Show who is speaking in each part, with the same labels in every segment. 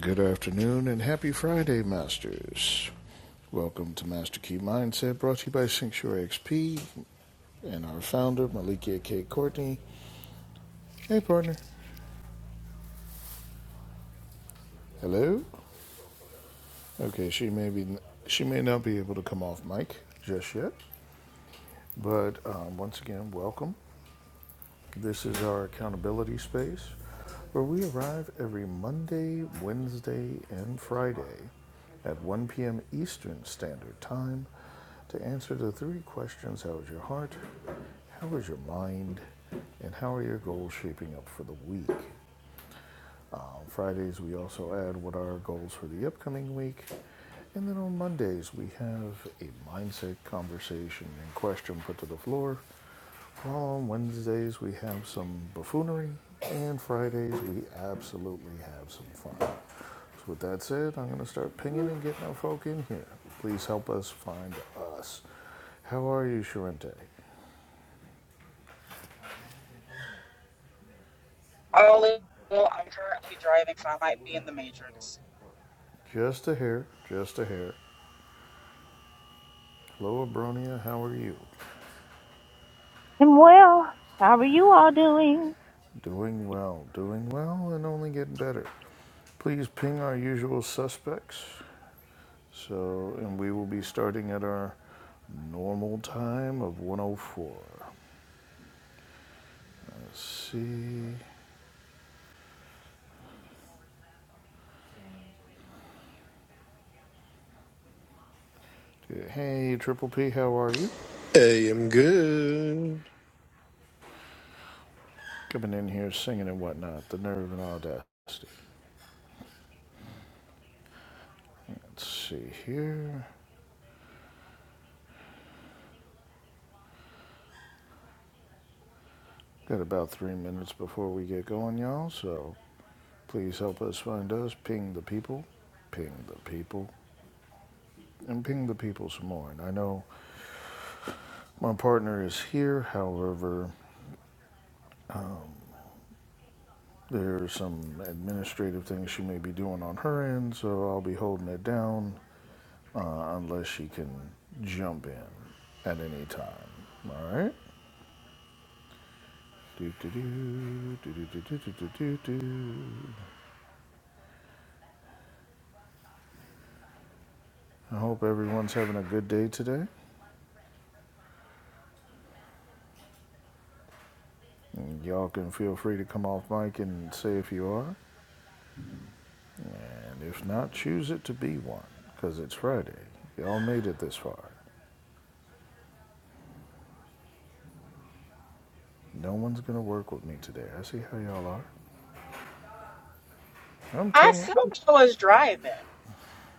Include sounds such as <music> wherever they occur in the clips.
Speaker 1: Good afternoon and happy Friday, Masters. Welcome to Master Key Mindset, brought to you by Sanctuary XP and our founder, Malikia K. Courtney. Hey, partner. Hello. Okay, she may be she may not be able to come off mic just yet, but um, once again, welcome. This is our accountability space where we arrive every Monday, Wednesday, and Friday at 1 p.m. Eastern Standard Time to answer the three questions How is your heart? How is your mind? And how are your goals shaping up for the week? Um, Fridays, we also add what are our goals for the upcoming week. And then on Mondays, we have a mindset conversation and question put to the floor. on Wednesdays, we have some buffoonery. And Fridays, we absolutely have some fun. So, with that said, I'm going to start pinging and getting our folk in here. Please help us find us. How are you, Sharente?
Speaker 2: All in all, I'm currently driving, so I might be in the Matrix.
Speaker 1: Just a hair, just a hair. Hello, Abronia, how are you?
Speaker 3: I'm well. How are you all doing?
Speaker 1: Doing well, doing well, and only getting better. Please ping our usual suspects. So, and we will be starting at our normal time of 104. Let's see. Hey, Triple P, how are you?
Speaker 4: I am good.
Speaker 1: Coming in here singing and whatnot, the nerve and audacity. Let's see here. Got about three minutes before we get going, y'all, so please help us find us. Ping the people. Ping the people. and ping the people some more. And I know my partner is here, however, there are some administrative things she may be doing on her end, so I'll be holding it down uh, unless she can jump in at any time. alright I hope everyone's having a good day today. Y'all can feel free to come off mic and say if you are. And if not, choose it to be one, because it's Friday. Y'all made it this far. No one's gonna work with me today. I see how y'all are. I'm
Speaker 2: I <laughs>
Speaker 1: telling.
Speaker 2: said I was driving.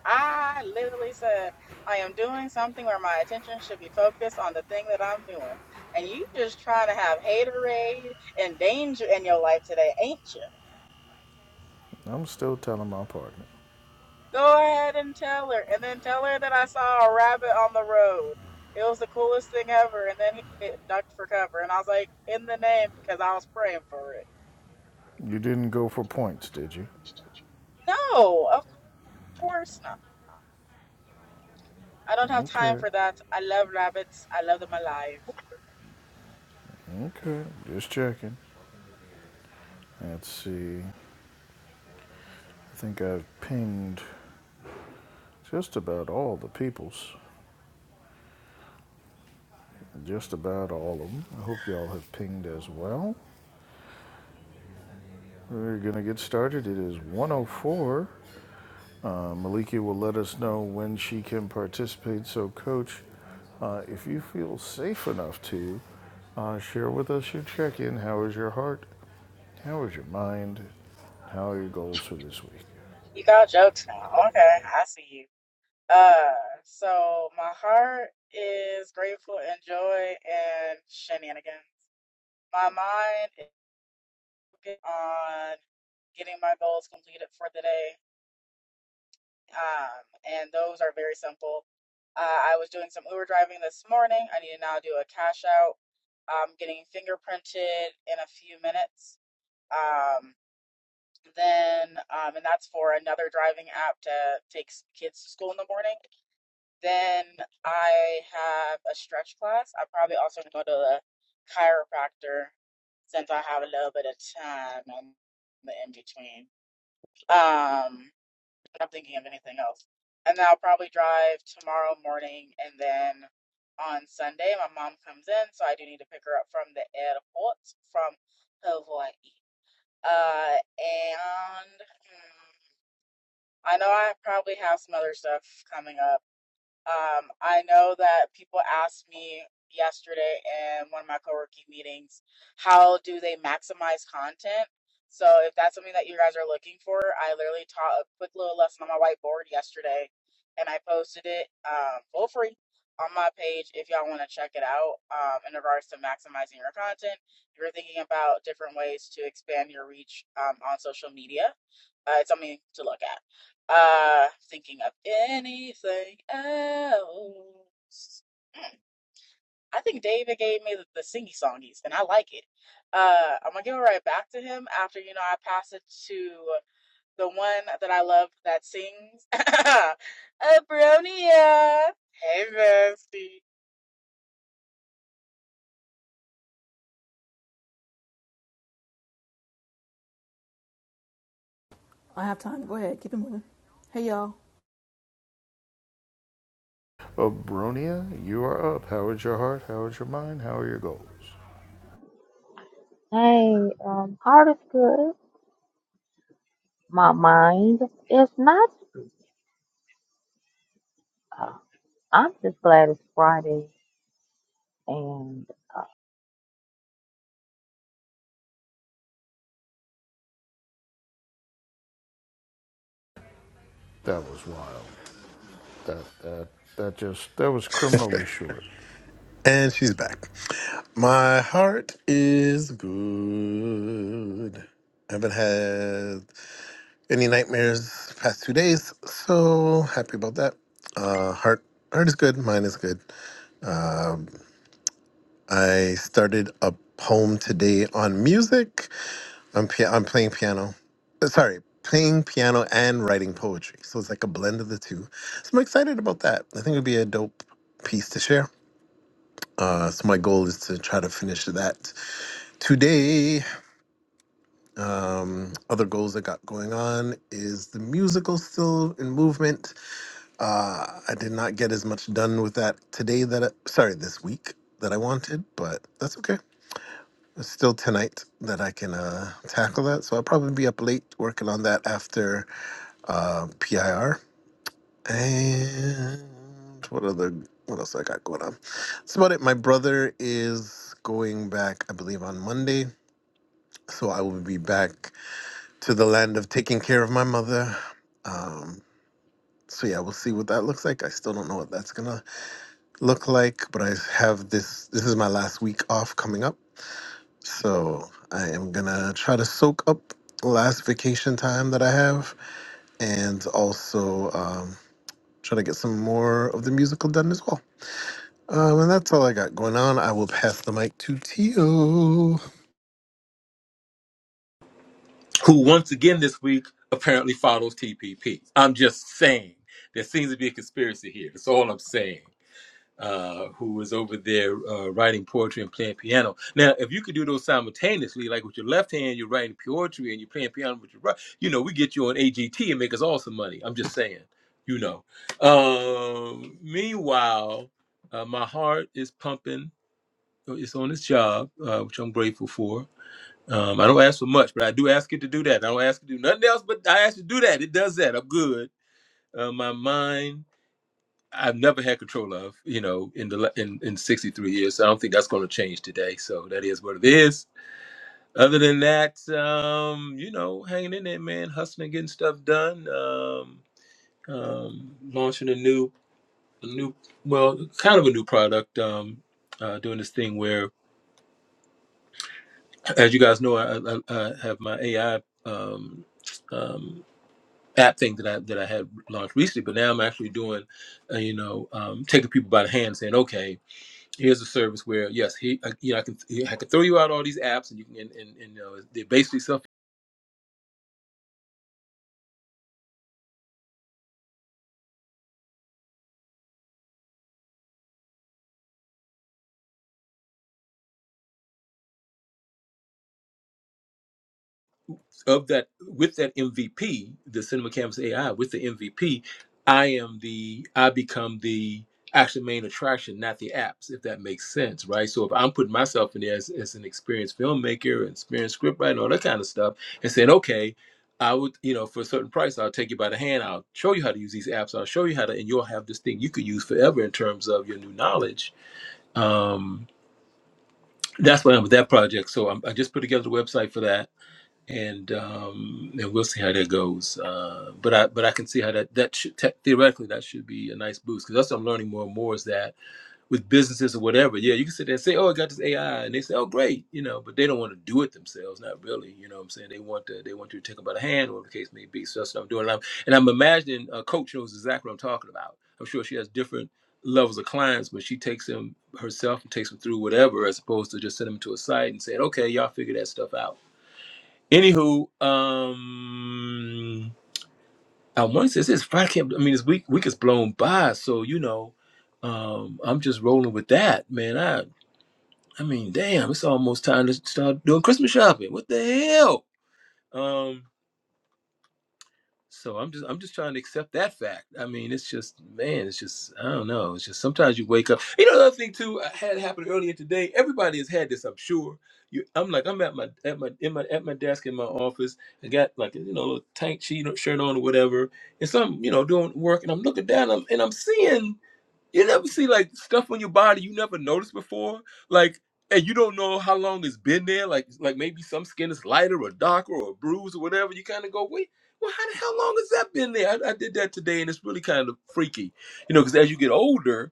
Speaker 2: I literally said I am doing something where my attention should be focused on the thing that I'm doing. And you just trying to have haterade and danger in your life today, ain't you?
Speaker 1: I'm still telling my partner.
Speaker 2: Go ahead and tell her, and then tell her that I saw a rabbit on the road. It was the coolest thing ever. And then he it ducked for cover, and I was like, in the name, because I was praying for it.
Speaker 1: You didn't go for points, did you?
Speaker 2: Mm-hmm. No, of course not. I don't have time
Speaker 1: Okay.
Speaker 2: for that. I love rabbits. I love them alive.
Speaker 1: Okay. Just checking. Let's see. I think I've pinged just about all the peoples. Just about all of them. I hope y'all have pinged as well. We're gonna get started. It is 104. Uh, Maliki will let us know when she can participate. So, Coach, uh, if you feel safe enough to, uh, share with us your check in. How is your heart? How is your mind? How are your goals for this week?
Speaker 2: You got jokes now. Okay, I see you. Uh, so my heart is grateful and joy and shenanigans. My mind is focused on getting my goals completed for the day. Um, and those are very simple. Uh, I was doing some Uber driving this morning. I need to now do a cash out. I'm getting fingerprinted in a few minutes. Um. Then, um, and that's for another driving app to take kids to school in the morning. Then I have a stretch class. I'm probably also gonna go to the chiropractor since I have a little bit of time in the in between. Um, I'm thinking of anything else. And then I'll probably drive tomorrow morning, and then on Sunday my mom comes in, so I do need to pick her up from the airport from Hawaii. Uh, and Hmm, I know I probably have some other stuff coming up. Um, I know that people asked me yesterday in one of my co-working meetings, how do they maximize content? So if that's something that you guys are looking for, I literally taught a quick little lesson on my whiteboard yesterday, and I posted it um, for free on my page if y'all want to check it out um, in regards to maximizing your content. If you're thinking about different ways to expand your reach um, on social media, uh, it's something to look at. Uh, thinking of anything else. Mm, I think David gave me the, the singy songies, and I like it. Uh, I'm gonna give it right back to him after you know I pass it to the one that I love that sings. <laughs> Abronia. Hey, bestie.
Speaker 5: I have time. Go ahead. Keep it moving. Hey, y'all.
Speaker 1: Oh, Bronia, you are up. How is your heart? How is your mind? How are your goals?
Speaker 3: Hey, um, heart is good. My mind is not. Uh, I'm just glad it's Friday, and
Speaker 1: That was wild. That that that just that was criminally short.
Speaker 4: And she's back. My heart is good. I haven't had any nightmares the past two days, so happy about that. Uh, heart, heart is good. Mine is good. Um, I started a poem today on music. I'm pia- I'm playing piano. Uh, Sorry, playing piano and writing poetry. So it's like a blend of the two. So I'm excited about that. I think it would be a dope piece to share. Uh, so my goal is to try to finish that today. Um, other goals I got going on is the musical still in movement. Uh, I did not get as much done with that today that I, sorry this week that I wanted, but that's okay. It's still tonight that I can uh, tackle that. So I'll probably be up late working on that after uh, PIR. And what other what else I got going on? That's about it. My brother is going back, I believe, on Monday so I will be back to the land of taking care of my mother. Um, so yeah, we'll see what that looks like. I still don't know what that's gonna look like, but I have this. This is my last week off coming up, so I am gonna try to soak up the last vacation time that I have, and also um, try to get some more of the musical done as well. Um, and that's all I got going on. I will pass the mic to Tio.
Speaker 6: who once again this week apparently follows TPP. I'm just saying there seems to be a conspiracy here. That's all I'm saying. Uh, who was over there uh, writing poetry and playing piano? Now, if you could do those simultaneously, like with your left hand, you're writing poetry and you're playing piano with your right, you know, we get you on AGT and make us all some money. I'm just saying, you know. Um, meanwhile, uh, my heart is pumping. uh, It's on its job, uh, which I'm grateful for um, I don't ask for much, but I do ask it to do that. I don't ask it to do nothing else, but I ask it to do that. It does that. I'm good. Uh, my mind, I've never had control of, you know, in the la- in, in 63 years. So I don't think that's going to change today. So that is what it is. Other than that, um, you know, hanging in there, man, hustling, getting stuff done, um, um, launching a new, a new, well, kind of a new product. Um, uh, doing this thing where, as you guys know, I, I, I have my AI. Um, um, app thing that I that I had launched recently, but now I'm actually doing, uh, you know, um, taking people by the hand, saying, "Okay, here's a service where yes, he, I, you know, I can I can throw you out all these apps, and you can, and, and, and you know, they're basically self of that with that MVP, the Cinema Canvas AI with the MVP, I am the I become the actual main attraction, not the apps, if that makes sense, right? So if I'm putting myself in there as, as an experienced filmmaker, an experienced scriptwriter, all that kind of stuff, and saying, okay, I would, you know, for a certain price, I'll take you by the hand, I'll show you how to use these apps, I'll show you how to, and you'll have this thing you could use forever in terms of your new knowledge. Um, that's why I'm with that project. So I'm, I just put together the website for that and um, and we'll see how that goes. Uh, but I but I can see how that that should, te- theoretically that should be a nice boost because that's what I'm learning more and more is that with businesses or whatever, yeah, you can sit there and say, oh, I got this AI, and they say, oh, great, you know, but they don't want to do it themselves, not really, you know. what I'm saying they want to they want you to take them by the hand, whatever the case may be. So that's what I'm doing, and I'm, and I'm imagining uh, Coach knows exactly what I'm talking about. I'm sure she has different levels of clients, but she takes them herself and takes them through whatever, as opposed to just send them to a site and saying, okay, y'all figure that stuff out Anywho, um, I want to say this Friday. Can't, I mean, this week week is blown by, so you know, um, I'm just rolling with that, man. I I mean, damn, it's almost time to start doing Christmas shopping. What the hell? Um, So I'm just I'm just trying to accept that fact. I mean, it's just man, it's just I don't know. It's just sometimes you wake up. You know, another thing too I had happened earlier today. Everybody has had this, I'm sure. You, I'm like I'm at my at my in my at my desk in my office. I got like a, you know a little tank sheet or shirt on or whatever, and so I'm you know doing work, and I'm looking down, and I'm, and I'm seeing. You never see like stuff on your body you never noticed before, like, and you don't know how long it's been there. Like, like maybe some skin is lighter or darker or bruised or whatever. You kind of go, wait, well, how the hell long has that been there? I, I did that today, and it's really kind of freaky, you know, because as you get older,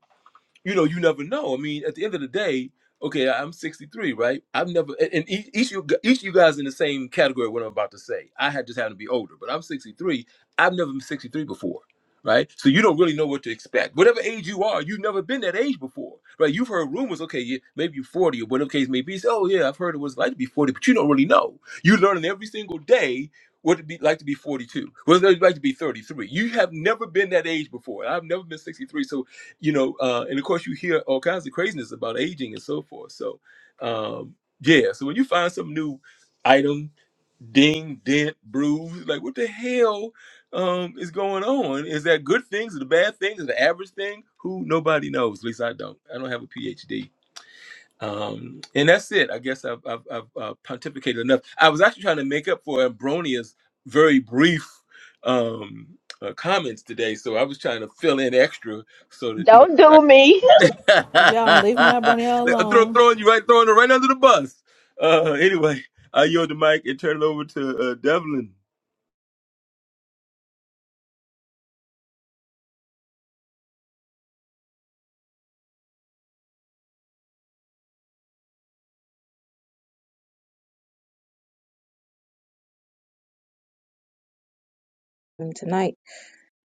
Speaker 6: you know, you never know. I mean, at the end of the day, okay, I'm 63, right? I've never, and and each each you, each of you guys in the same category. What I'm about to say, I had just happened to be older, but I'm 63. I've never been 63 before, right? So you don't really know what to expect. Whatever age you are, you've never been that age before, right? You've heard rumors, okay, yeah, maybe you're 40 or whatever case may be. So, oh yeah, I've heard it was like to be 40, but you don't really know. You're learning every single day. What it'd be like to be 42? What it's like to be 33? You have never been that age before. I've never been 63, so you know, uh, and of course you hear all kinds of craziness about aging and so forth. So, um, yeah. So when you find some new item, ding, dent, bruise, like what the hell um, is going on? Is that good things? Is the bad things? Is the average thing? Who nobody knows. At least I don't. I don't have a PhD. Um, and that's it. I guess I've, I've, I've uh, pontificated enough. I was actually trying to make up for Ambronia's very brief um, uh, comments today, so I was trying to fill in extra so that you know.
Speaker 3: Don't do me.
Speaker 6: <laughs>
Speaker 5: If y'all don't leave my
Speaker 6: I'm
Speaker 5: Abronia
Speaker 6: throw,
Speaker 5: alone,
Speaker 6: throwing you right, throwing it right under the bus. Uh, anyway, I yield the mic and turn it over to uh, Devlin.
Speaker 7: um, tonight.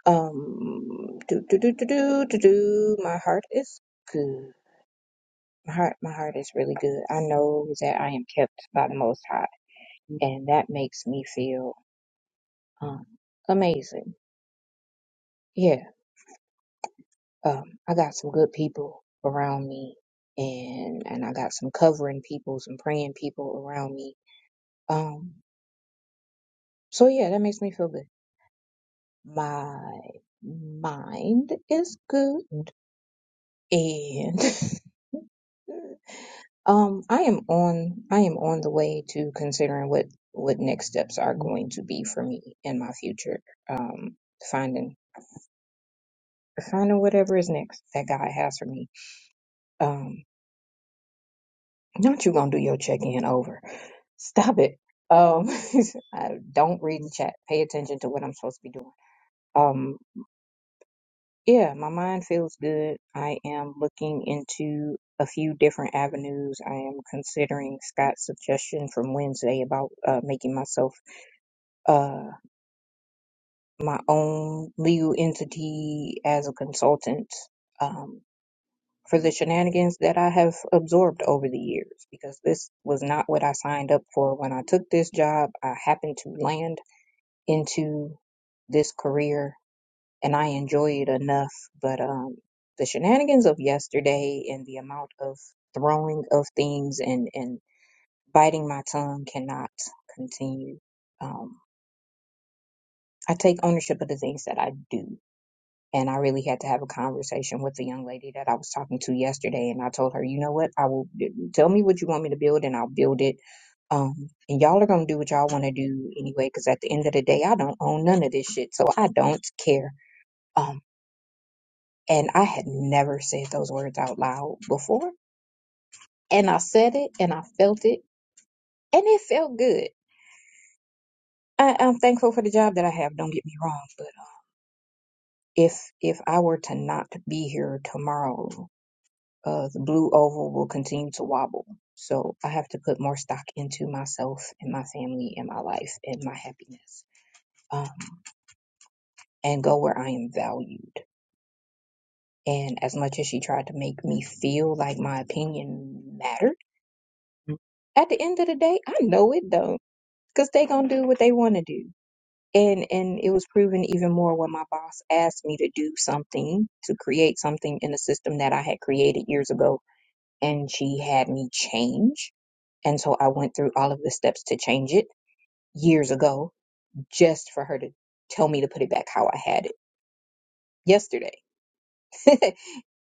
Speaker 7: Um, do do do do do do do. My heart is good. My heart, my heart is really good. I know that I am kept by the Most High, and that makes me feel um amazing. Yeah, um, I got some good people around me, and and I got some covering people, some praying people around me. Um, so yeah, that makes me feel good. My mind is good, and <laughs> Um, I am on I am on the way to considering what what next steps are going to be for me in my future. Um, finding finding whatever is next that God has for me. Um, not you gonna do your check in over. Stop it. Um, <laughs> I don't read the chat. Pay attention to what I'm supposed to be doing. Um, yeah, my mind feels good. I am looking into a few different avenues. I am considering Scott's suggestion from Wednesday about uh, making myself uh, my own legal entity as a consultant um, for the shenanigans that I have absorbed over the years because this was not what I signed up for when I took this job. I happened to land into this career and I enjoy it enough, but um, the shenanigans of yesterday and the amount of throwing of things and, and biting my tongue cannot continue. Um, I take ownership of the things that I do And I really had to have a conversation with the young lady that I was talking to yesterday. And I told her, you know what? I will tell me what you want me to build and I'll build it. Um, and y'all are going to do what y'all want to do anyway, because at the end of the day, I don't own none of this shit. So I don't care. Um, and I had never said those words out loud before. And I said it and I felt it and it felt good. I, I'm thankful for the job that I have. Don't get me wrong, but um, if if I were to not be here tomorrow, uh, the blue oval will continue to wobble. So I have to put more stock into myself and my family and my life and my happiness um, and go where I am valued. And as much as she tried to make me feel like my opinion mattered, at the end of the day, I know it don't, cause they gonna do what they want to do. And and it was proven even more when my boss asked me to do something to create something in a system that I had created years ago and she had me change. And so I went through all of the steps to change it years ago just for her to tell me to put it back how I had it yesterday <laughs>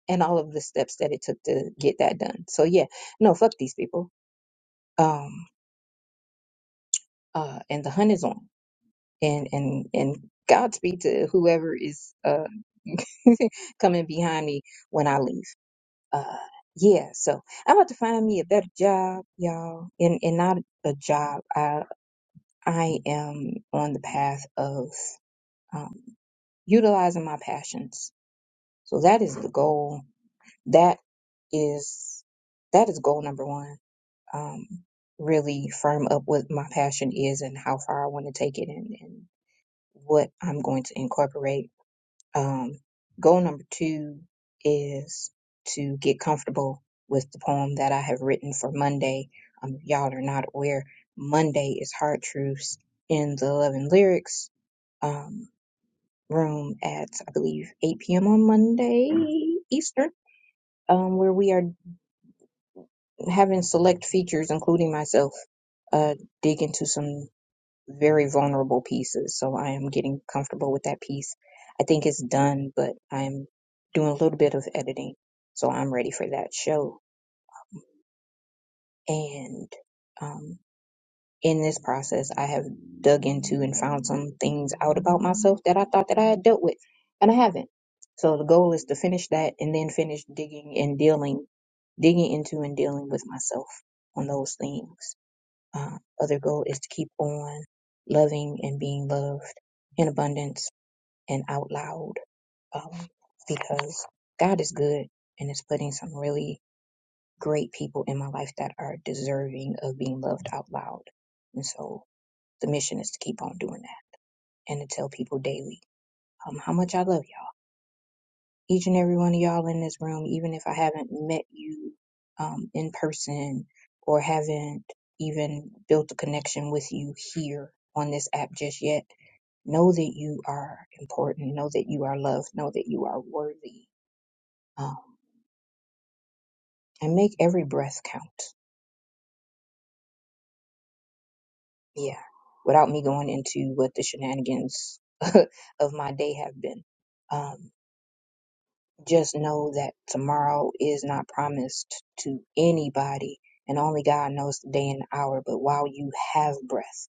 Speaker 7: and all of the steps that it took to get that done. So yeah, no, fuck these people. Um, uh, and the hunt is on and, and, and Godspeed to whoever is, uh, <laughs> coming behind me when I leave. Uh, yeah, so I'm about to find me a better job, y'all, and and not a job. I am on the path of um, utilizing my passions. So that is the goal. That is that is goal number one. Um, really firm up what my passion is and how far I want to take it and, and what I'm going to incorporate. Um, goal number two is to get comfortable with the poem that I have written for Monday. Um, if y'all are not aware, Monday is Hard Truths in the Love and Lyrics um, room at I believe 8 p.m. on Monday Eastern, um, where we are having select features, including myself, uh, dig into some very vulnerable pieces. So I am getting comfortable with that piece. I think it's done, but I'm doing a little bit of editing, so I'm ready for that show. And um, in this process, I have dug into and found some things out about myself that I thought that I had dealt with, and I haven't. So the goal is to finish that and then finish digging and dealing, digging into and dealing with myself on those things. Uh, other goal is to keep on loving and being loved in abundance and out loud, um, because God is good and is putting some really great people in my life that are deserving of being loved out loud. And so the mission is to keep on doing that and to tell people daily um, how much I love y'all. Each and every one of y'all in this room, even if I haven't met you um, in person or haven't even built a connection with you here on this app just yet, know that you are important, know that you are loved, know that you are worthy, um, and make every breath count. Yeah, without me going into what the shenanigans <laughs> of my day have been. Um, Just know that tomorrow is not promised to anybody, and only God knows the day and the hour. But while you have breath,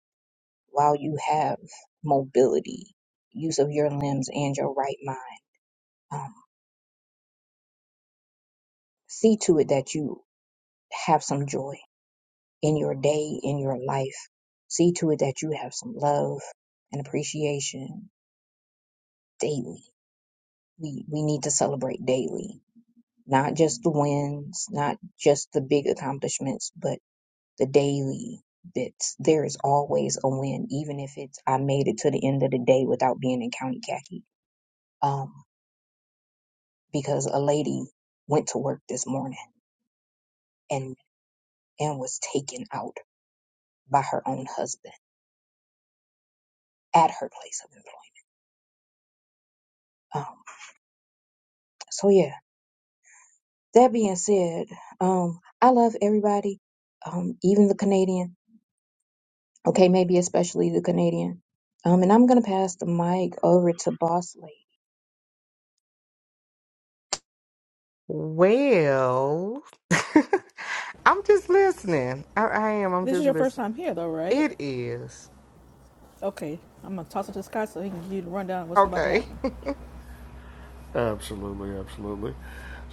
Speaker 7: while you have mobility, use of your limbs and your right mind, um, see to it that you have some joy in your day, in your life. See to it that you have some love and appreciation daily. We, we need to celebrate daily, not just the wins, not just the big accomplishments, but the daily bits. There is always a win, even if it's I made it to the end of the day without being in county khaki. Um, because a lady went to work this morning and and was taken out by her own husband at her place of employment. Um, so yeah. That being said, um, I love everybody, um, even the Canadian. Okay, maybe especially the Canadian. Um, and I'm gonna pass the mic over to Boss Lady.
Speaker 8: Well, <laughs> I'm just listening. I, I am. I'm
Speaker 5: this is
Speaker 8: just
Speaker 5: your first
Speaker 8: listening.
Speaker 5: time here, though, right?
Speaker 8: It is.
Speaker 5: Okay. I'm going to toss it to Scott so he can give you the rundown of what's about to
Speaker 8: Okay.
Speaker 5: happen.
Speaker 8: <laughs>
Speaker 1: Absolutely, absolutely.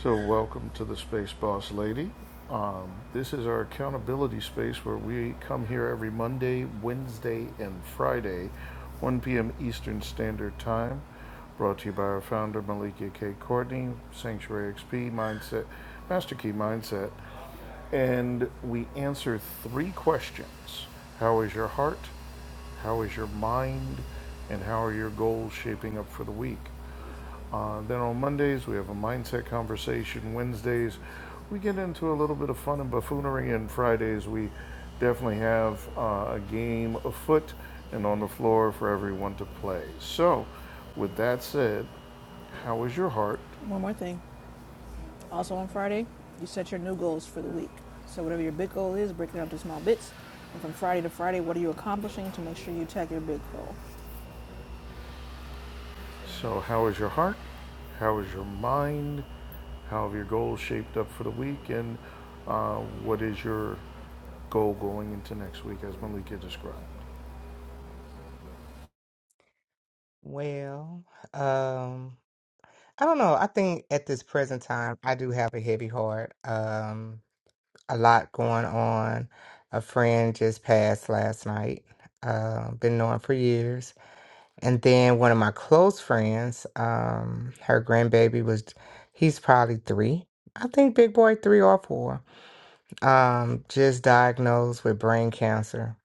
Speaker 1: So, welcome to the Space Boss Lady. Um, this is our accountability space where we come here every Monday, Wednesday, and Friday, 1 p.m. Eastern Standard Time. Brought to you by our founder, Malika K. Courtney, Sanctuary XP Mindset, Master Key Mindset. And we answer three questions How is your heart? How is your mind? And how are your goals shaping up for the week? Uh, then on Mondays, we have a mindset conversation. Wednesdays, we get into a little bit of fun and buffoonery. And Fridays, we definitely have uh, a game afoot and on the floor for everyone to play. So, with that said, how is your heart?
Speaker 5: One more thing. Also, on Friday, you set your new goals for the week. So, whatever your big goal is, break it down into small bits. And from Friday to Friday, what are you accomplishing to make sure you tag your big goal?
Speaker 1: So, how is your heart? How is your mind? How have your goals shaped up for the week? And uh, what is your goal going into next week, as Malika described?
Speaker 8: Well, um, I don't know. I think at this present time, I do have a heavy heart. Um, a lot going on. A friend just passed last night. Uh, been knowing for years. And then one of my close friends, um, her grandbaby was, he's probably three. I think big boy three or four. Um, just diagnosed with brain cancer.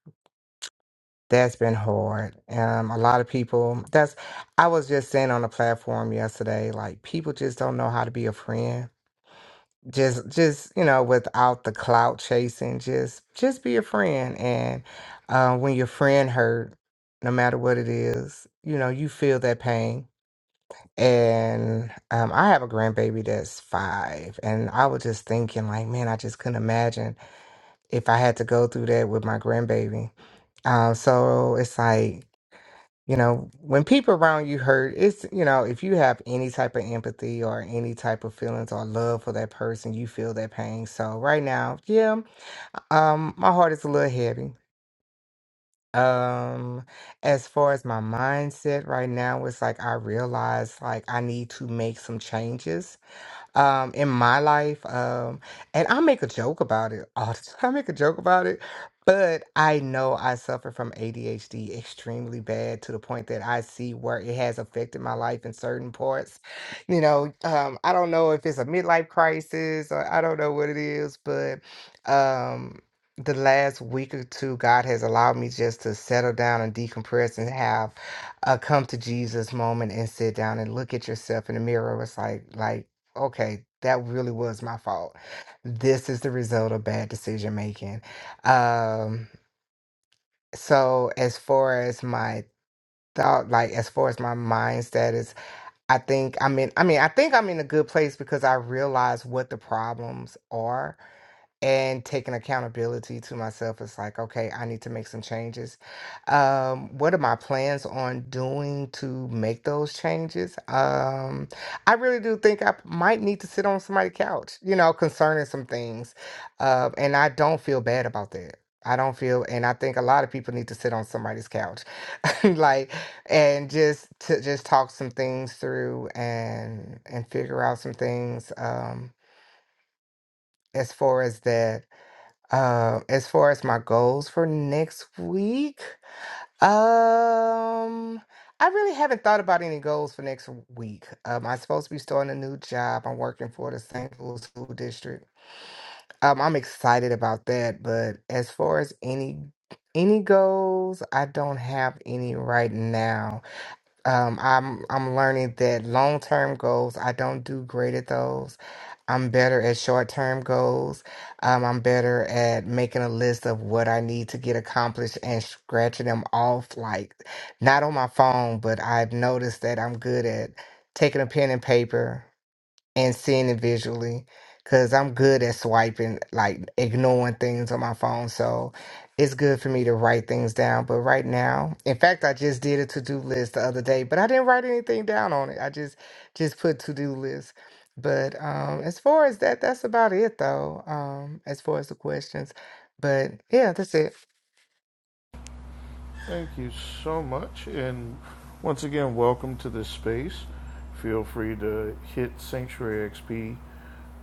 Speaker 8: That's been hard. Um, a lot of people. That's. I was just saying on the platform yesterday, like people just don't know how to be a friend. Just, just you know, without the clout chasing. Just, just be a friend. And uh, when your friend hurt, no matter what it is, you know, you feel that pain. And um, I have a grandbaby that's five, and I was just thinking, like, man, I just couldn't imagine if I had to go through that with my grandbaby. Um, so it's like, you know, when people around you hurt, it's, you know, if you have any type of empathy or any type of feelings or love for that person, you feel that pain. So right now, yeah, um, my heart is a little heavy. Um, as far as my mindset right now, it's like I realize like I need to make some changes um in my life um and i make a joke about it all the time <laughs> i make a joke about it but i know i suffer from adhd extremely bad to the point that i see where it has affected my life in certain parts you know um i don't know if it's a midlife crisis or i don't know what it is but um the last week or two god has allowed me just to settle down and decompress and have a come to jesus moment and sit down and look at yourself in the mirror it's like like okay, that really was my fault. This is the result of bad decision making. Um, so as far as my thought, like as far as my mind status, I think I'm in, I mean, I think I'm in a good place because I realize what the problems are and taking accountability to myself it's like okay i need to make some changes um what are my plans on doing to make those changes um i really do think i might need to sit on somebody's couch you know concerning some things uh, and i don't feel bad about that I don't feel, and I think a lot of people need to sit on somebody's couch, <laughs> like, and just to just talk some things through and and figure out some things um, as far as that uh, as far as my goals for next week, um, I really haven't thought about any goals for next week. Um, I'm supposed to be starting a new job. I'm working for the St. Louis School District. Um, I'm excited about that, but as far as any any goals, I don't have any right now. Um, I'm I'm learning that long term goals, I don't do great at those. I'm better at short term goals. Um, I'm better at making a list of what I need to get accomplished and scratching them off, like not on my phone, but I've noticed that I'm good at taking a pen and paper and seeing it visually because I'm good at swiping, like ignoring things on my phone. So it's good for me to write things down. But right now, in fact, I just did a to do list the other day, but I didn't write anything down on it. I just just put to do list. But um, as far as that, that's about it though. Um, as far as the questions, but yeah, that's it.
Speaker 1: Thank you so much. And once again, welcome to this space. Feel free to hit Sanctuary XP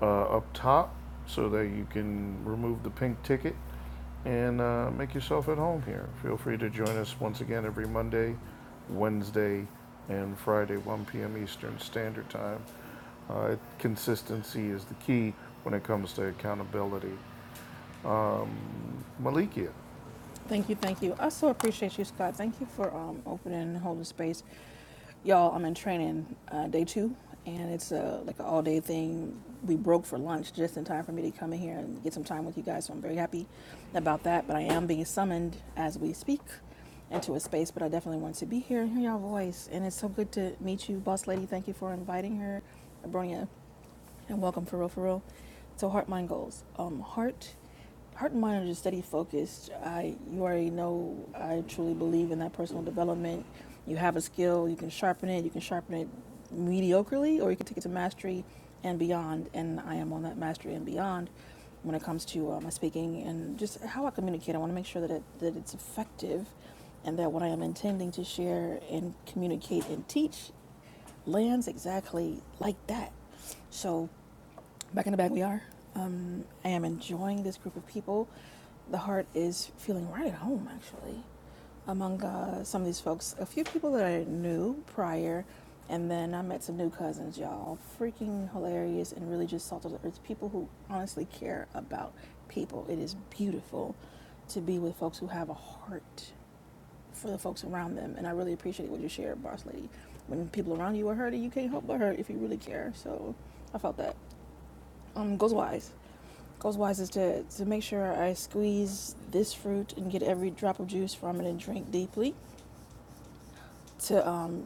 Speaker 1: uh, up top so that you can remove the pink ticket and uh, make yourself at home here. Feel free to join us once again every Monday, Wednesday, and Friday, 1 p.m. Eastern Standard Time. Uh, consistency is the key when it comes to accountability. Malikia.
Speaker 5: Thank you, thank you. I so appreciate you, Scott. Thank you for um, opening and holding space. Y'all, I'm in training uh, day two, and it's uh, like an all day thing. We broke for lunch just in time for me to come in here and get some time with you guys, so I'm very happy about that. But I am being summoned as we speak into a space, but I definitely want to be here and hear y'all voice. And it's so good to meet you, Boss Lady. Thank you for inviting her. Abronia, and welcome for real for real to heart mind goals um heart heart and mind are just steady focused i you already know i truly believe in that personal development you have a skill you can sharpen it you can sharpen it mediocrely or you can take it to mastery and beyond and i am on that mastery and beyond when it comes to uh, my speaking and just how i communicate i want to make sure that, it, that it's effective and that what i am intending to share and communicate and teach lands exactly like that so Back in the bag we are. Um, I am enjoying this group of people. The heart is feeling right at home, actually, among uh, some of these folks. A few people that I knew prior, and then I met some new cousins, y'all. Freaking hilarious and really just salt of the earth. People who honestly care about people. It is beautiful to be with folks who have a heart for the folks around them. And I really appreciate what you shared, boss lady. When people around you are hurting, you can't help but hurt if you really care. So I felt that. Um, goes wise. Goals wise is to, to make sure I squeeze this fruit and get every drop of juice from it and drink deeply. To um,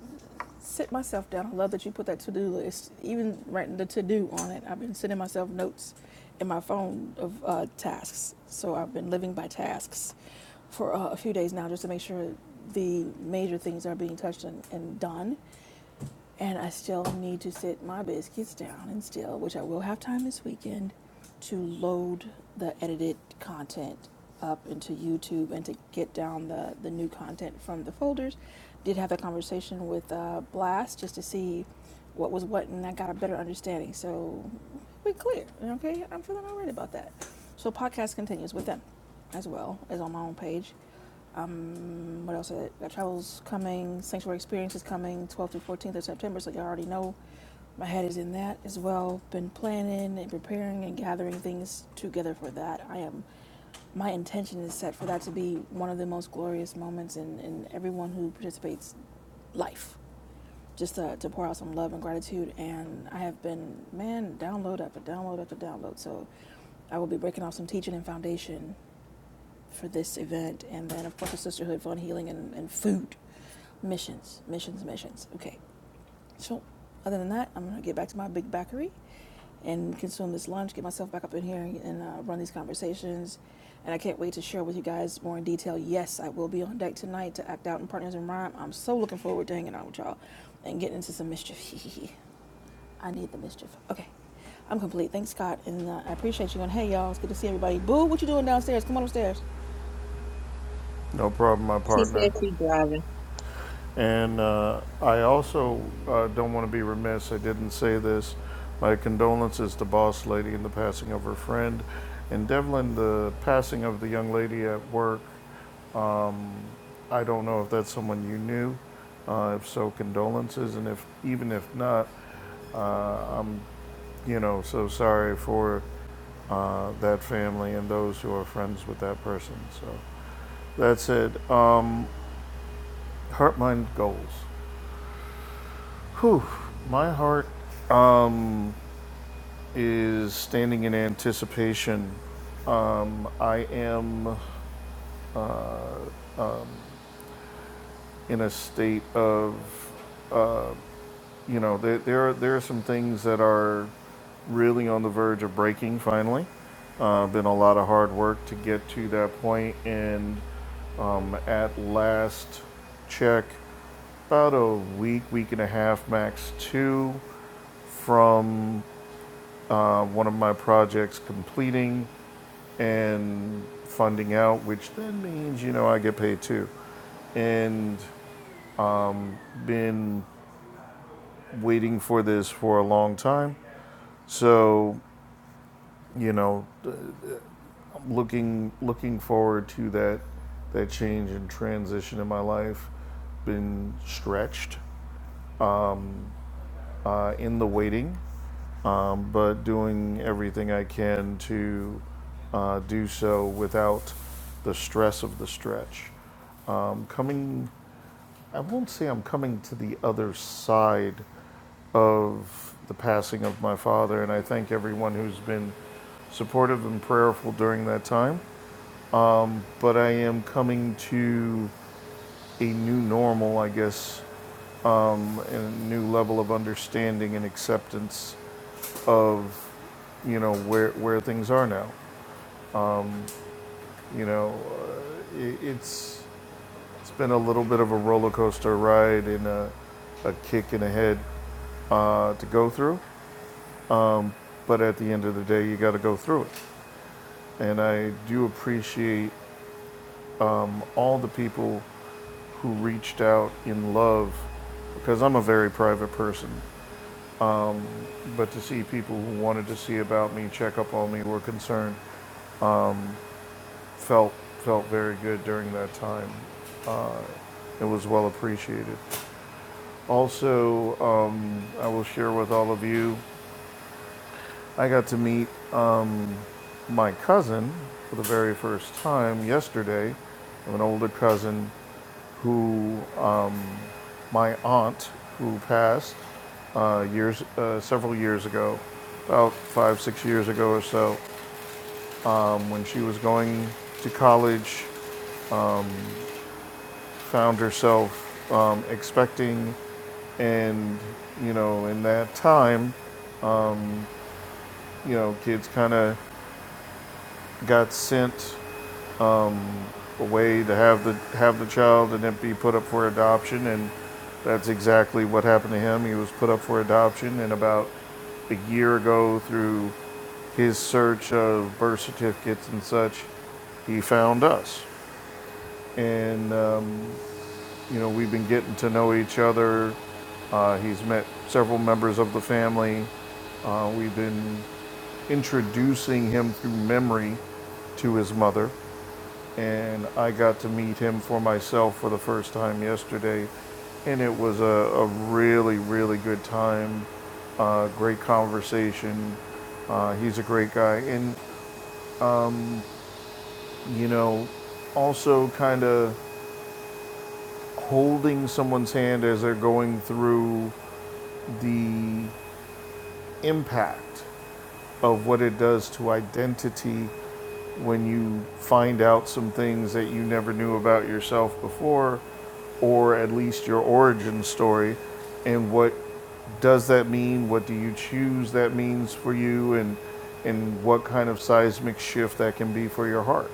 Speaker 5: sit myself down. I love that you put that to do list, even writing the to do on it. I've been sending myself notes in my phone of uh, tasks. So I've been living by tasks for uh, a few days now just to make sure the major things are being touched and, and done and I still need to sit my biscuits down and still, which I will have time this weekend, to load the edited content up into YouTube and to get down the, the new content from the folders. Did have that conversation with uh, Blast just to see what was what, and I got a better understanding. So we are clear, okay? I'm feeling all right about that. So podcast continues with them as well as on my own page. Um, what else? I got travels coming, sanctuary experience is coming, 12th through 14th of September. So y'all already know my head is in that as well. Been planning and preparing and gathering things together for that. I am. My intention is set for that to be one of the most glorious moments in, in everyone who participates life. Just to, to pour out some love and gratitude. And I have been, man, download after download after download. So I will be breaking off some teaching and foundation for this event. And then, of course, the Sisterhood, Fun, Healing, and, and food. Missions, missions, missions. Okay. So, other than that, I'm going to get back to my big bakery and consume this lunch, get myself back up in here and uh, run these conversations. And I can't wait to share with you guys more in detail. Yes, I will be on deck tonight to act out in Partners in Rhyme. I'm so looking forward to hanging out with y'all and getting into some mischief. <laughs> I need the mischief. Okay. I'm complete. Thanks, Scott. And uh, I appreciate you. And hey, y'all, it's good to see everybody. Boo, what you doing downstairs? Come on upstairs.
Speaker 1: No problem, my
Speaker 7: She
Speaker 1: partner.
Speaker 7: said she's driving.
Speaker 1: And uh, I also uh, don't want to be remiss, I didn't say this. My condolences to Boss Lady in the passing of her friend. And Devlin, the passing of the young lady at work, I don't know if that's someone you knew. Uh, if so, condolences. And if even if not, you know, so sorry for uh, that family and those who are friends with that person. So that's it. Um, heart, mind, goals. Whew, my heart is standing in anticipation. I am in a state of, uh, you know, there, there, are, there are some things that are really on the verge of breaking finally. Uh, been a lot of hard work to get to that point, and um, at last check, about a week, week and a half max two from uh, one of my projects completing. and funding out, which then means, you know, I get paid too. And been waiting for this for a long time. So, you know, looking looking forward to that that change and transition in my life. Been stretched uh, in the waiting, um, but doing everything I can to uh, do so without the stress of the stretch um, coming I won't say I'm coming to the other side of the passing of my father, and I thank everyone who's been supportive and prayerful during that time. But I am coming to a new normal, I guess, um, and a new level of understanding and acceptance of, you know, where where things are now. You know, uh, it, it's it's been a little bit of a roller coaster ride and a, a kick in the head uh, to go through. But at the end of the day, you got to go through it. And I do appreciate um, all the people who reached out in love because I'm a very private person. But to see people who wanted to see about me, check up on me, were concerned, felt felt very good during that time. It was well appreciated. Also, um, I will share with all of you, I got to meet my cousin for the very first time yesterday. of an older cousin who um, my aunt, who passed uh, years, uh, several years ago, about five, six years ago or so, um, when she was going to college, found herself um, expecting and you know in that time you know kids kind of got sent a way to have the have the child and it be put up for adoption and that's exactly what happened to him. He was put up for adoption and about a year ago through his search of birth certificates and such, he found us. And um, you know, we've been getting to know each other. Uh, he's met several members of the family. Uh, we've been introducing him through memory to his mother and I got to meet him for myself for the first time yesterday, and it was a, a really, really good time. Uh, great conversation. Uh, he's a great guy, and you know, also kind of holding someone's hand as they're going through the impact of what it does to identity when you find out some things that you never knew about yourself before, or at least your origin story, and what does that mean? What do you choose that means for you, and and what kind of seismic shift that can be for your heart?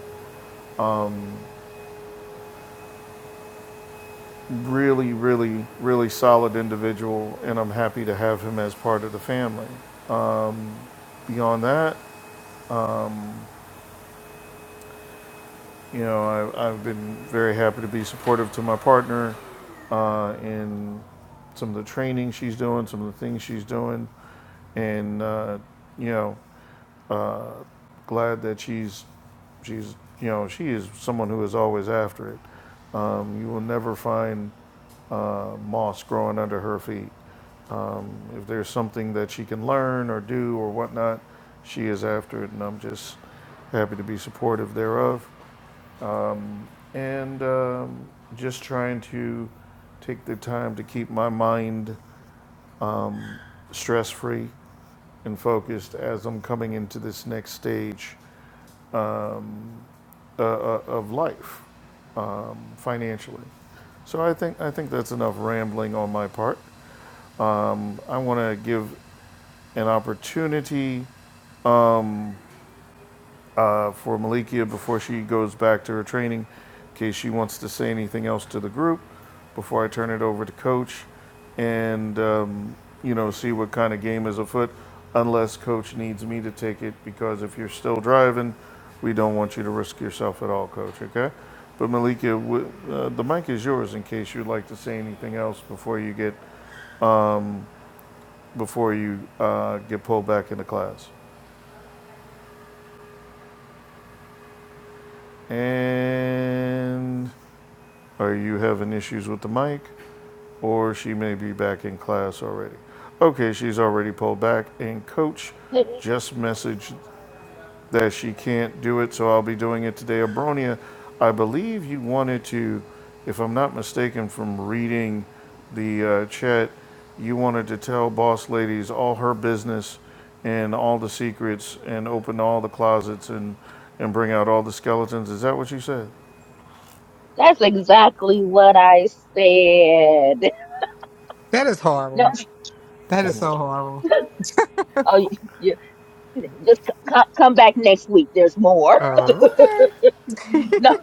Speaker 1: Really, really, really solid individual, and I'm happy to have him as part of the family. Beyond that, you know, I, I've been very happy to be supportive to my partner uh, in some of the training she's doing, some of the things she's doing, and uh, you know, glad that she's she's you know she is someone who is always after it. Um, you will never find uh, moss growing under her feet. If there's something that she can learn or do or whatnot, she is after it, and I'm just happy to be supportive thereof. And um, just trying to take the time to keep my mind stress free and focused as I'm coming into this next stage uh, uh, of life um, financially. So I think I think that's enough rambling on my part. I want to give an opportunity uh, for Malikia before she goes back to her training, in case she wants to say anything else to the group before I turn it over to Coach and, um, you know, see what kind of game is afoot, unless Coach needs me to take it, because if you're still driving, we don't want you to risk yourself at all, Coach, okay? But Malika, w- uh, the mic is yours in case you'd like to say anything else before you get before you uh, get pulled back into class. And are you having issues with the mic? or she may be back in class already. Okay, she's already pulled back. And coach
Speaker 3: <laughs>
Speaker 1: just messaged that she can't do it, so I'll be doing it today. Abronia, I believe you wanted to, if I'm not mistaken from reading the uh, chat, you wanted to tell boss ladies all her business and all the secrets and open all the closets and, and bring out all the skeletons. Is that what you said?
Speaker 3: that's exactly what I said. <laughs>
Speaker 8: That is
Speaker 3: No,
Speaker 8: horrible. That is so horrible.
Speaker 3: oh, you, you- just c- c- come back next week. There's more.
Speaker 8: Oh, okay. <laughs>
Speaker 3: <laughs> No,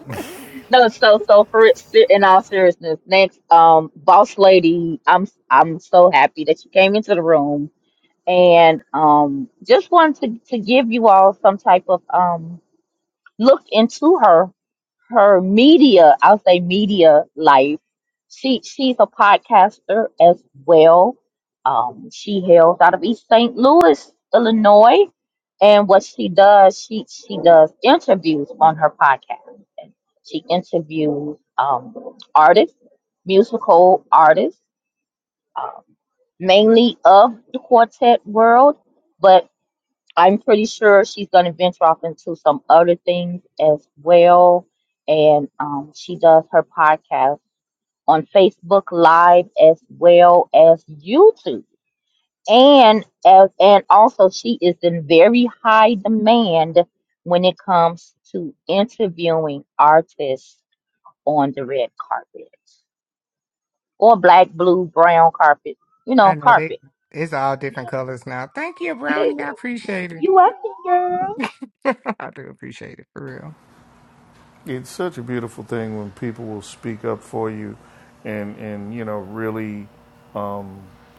Speaker 3: no. So, so for it- se- in all seriousness, next, um, boss lady, I'm, I'm so happy that you came into the room. and um, just wanted to, to give you all some type of um, look into her her media. I'll say media life. She she's a podcaster as well. Um, she hails out of East St. Louis, Illinois, and what she does, she she does interviews on her podcast. And she interviews um, artists, musical artists, um, mainly of the quartet world, but I'm pretty sure she's going to venture off into some other things as well. And um, she does her podcast on Facebook Live as well as YouTube. And as and also she is in very high demand when it comes to interviewing artists on the red carpet or black, blue, brown carpet, you know,
Speaker 8: I know they
Speaker 3: carpet.
Speaker 8: it's all different colors now. Thank you,
Speaker 3: <laughs> you
Speaker 8: Brownie. I appreciate it.
Speaker 3: welcome, girl.
Speaker 8: <laughs> I do appreciate it for real.
Speaker 1: It's such a beautiful thing when people will speak up for you and, and you know, really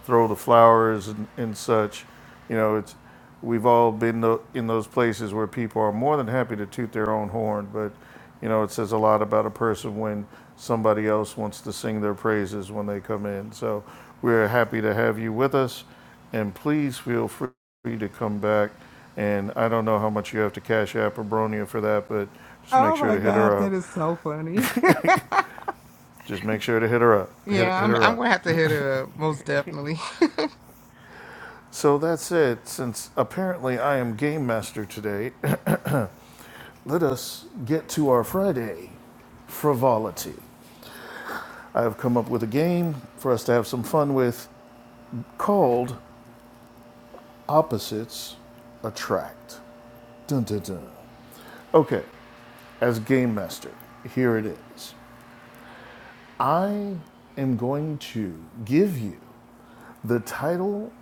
Speaker 1: throw the flowers and, and such. You know, it's, we've all been in those places where people are more than happy to toot their own horn, but, you know, it says a lot about a person when somebody else wants to sing their praises when they come in. So we're happy to have you with us, and please feel free to come back. And I don't know how much you have to cash App or Bronia for that, but just make
Speaker 8: Oh
Speaker 1: sure
Speaker 8: my
Speaker 1: to hit
Speaker 8: God,
Speaker 1: her up.
Speaker 8: that is so funny. <laughs>
Speaker 1: Just make sure to hit her up. Hit,
Speaker 8: yeah,
Speaker 1: hit
Speaker 8: I'm
Speaker 1: her
Speaker 8: I'm
Speaker 1: up.
Speaker 8: gonna have to hit her up, most definitely.
Speaker 1: So that's it. Since apparently I am game master today, <coughs> <laughs> let us get to our Friday frivolity. I have come up with a game for us to have some fun with called Opposites Attract. Dun dun dun. Okay, as game master, here it is. I am going to give you the title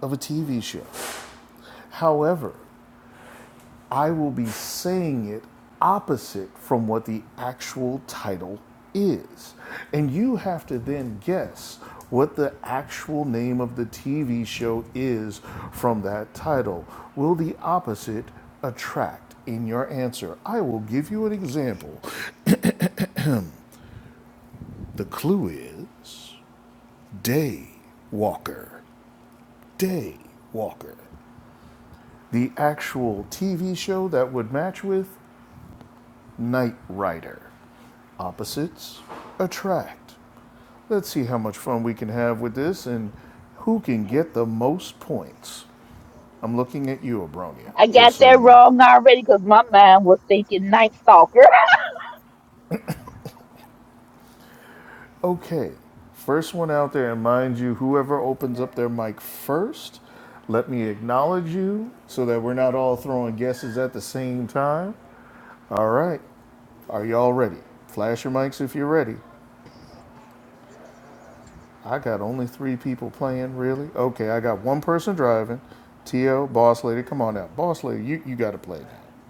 Speaker 1: of a TV show. However, I will be saying it opposite from what the actual title is. And you have to then guess what the actual name of the TV show is from that title. Will the opposite attract in your answer? I will give you an example. The clue is Day Walker. Day Walker. The actual TV show that would match with Knight Rider. Opposites attract. Let's see how much fun we can have with this and who can get the most points. I'm looking at you, Abronia,
Speaker 3: I
Speaker 1: just
Speaker 3: got
Speaker 1: so
Speaker 3: that
Speaker 1: you know.
Speaker 3: wrong already because my mind was thinking Night Stalker.
Speaker 1: Okay, first one out there, and mind you, whoever opens up their mic first, let me acknowledge you so that we're not all throwing guesses at the same time. All right, are y'all ready? Flash your mics if you're ready. I got only three people playing, really? Okay, I got one person driving. T.O., boss lady, come on out. Boss lady, you, you got to play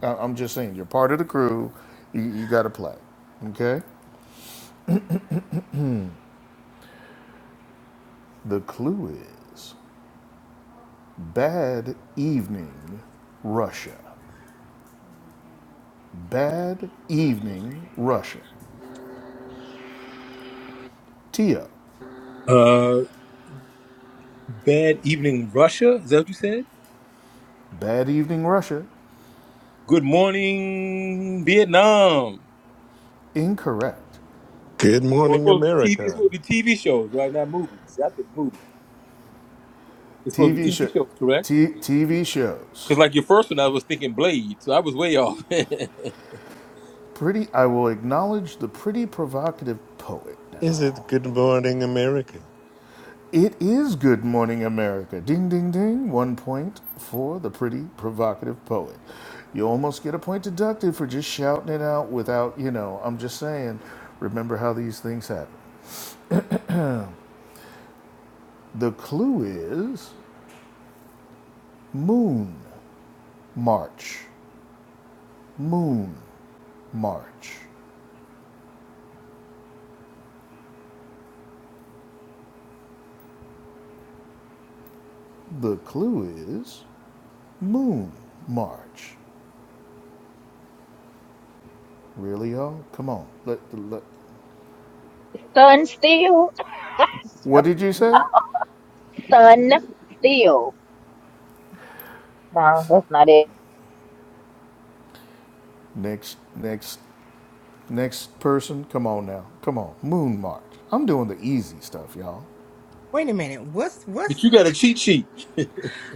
Speaker 1: now. I, am just saying, you're part of the crew. You, you got to play. Okay? The clue is bad evening, Russia. Bad evening, Russia. T.O.,
Speaker 6: Uh, bad evening, Russia. Is that what you said?
Speaker 1: bad evening, Russia.
Speaker 6: Good morning, Vietnam.
Speaker 1: Incorrect.
Speaker 4: Good
Speaker 6: Oh, it's
Speaker 4: morning,
Speaker 6: supposed to be TV. It's
Speaker 4: America.
Speaker 6: supposed to be TV shows, right? Not movies. I think movies. It's supposed to
Speaker 1: TV
Speaker 6: be
Speaker 1: show,
Speaker 6: TV shows, correct?
Speaker 1: t- TV
Speaker 6: Because
Speaker 1: shows.
Speaker 6: like your first one, I was thinking Blade, so I was way off. <laughs> but
Speaker 1: Pretty. I will acknowledge the pretty provocative poet now.
Speaker 4: Is it Good Morning America?
Speaker 1: It is Good Morning America. Ding, ding, ding. One point for the pretty provocative poet. You almost get a point deducted for just shouting it out without, you know, I'm just saying, remember how these things happen. The clue is Moon March. Moon March. The clue is Moon March. Really, y'all? Come on. Let, let,
Speaker 3: <laughs> Sun Steel. <laughs>
Speaker 1: what did you say?
Speaker 3: Sun Steel. No, that's not it.
Speaker 1: Next, next Next person, come on now. Come on. Moon March. I'm doing the easy stuff, y'all.
Speaker 8: <laughs> Wait a minute. What's what's
Speaker 6: you got a cheat sheet.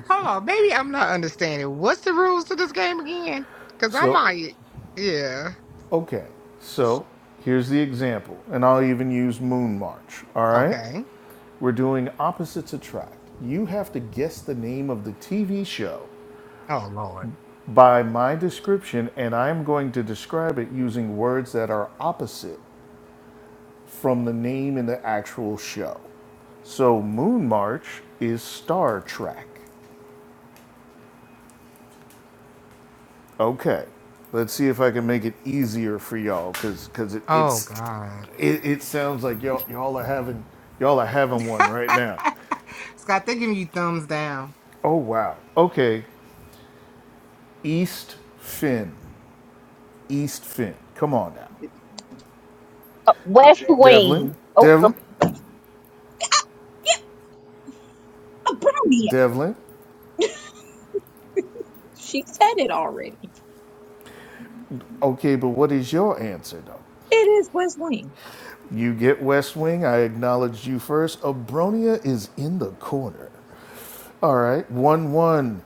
Speaker 8: hold on, maybe I'm not understanding. What's the rules to this game again? Cause I
Speaker 1: So,
Speaker 8: might Yeah.
Speaker 1: okay. So, here's the example, and I'll even use Moon March, all right?
Speaker 8: Okay.
Speaker 1: We're doing opposites attract. You have to guess the name of the TV show
Speaker 8: Oh Lord.
Speaker 1: by my description, and I'm going to describe it using words that are opposite from the name in the actual show. So, Moon March is Star Trek. Okay, let's see if I can make it easier for y'all, cause cause it,
Speaker 8: Oh
Speaker 1: it's
Speaker 8: God.
Speaker 1: it, it sounds like y'all y'all are having y'all are having one
Speaker 8: <laughs>
Speaker 1: right now.
Speaker 8: Scott, they're giving you thumbs down.
Speaker 1: Oh wow. Okay, East Finn, East Finn. Come on now,
Speaker 3: Uh, West
Speaker 1: Devlin,
Speaker 3: Wing. Oh, some,
Speaker 1: Devlin,
Speaker 7: Oh, Brownie,
Speaker 1: Devlin.
Speaker 7: She said it already.
Speaker 1: Okay, but what is your answer though?
Speaker 7: It is West Wing.
Speaker 1: You get West Wing. I acknowledged you first. Abronia is in the corner. All right, 1 1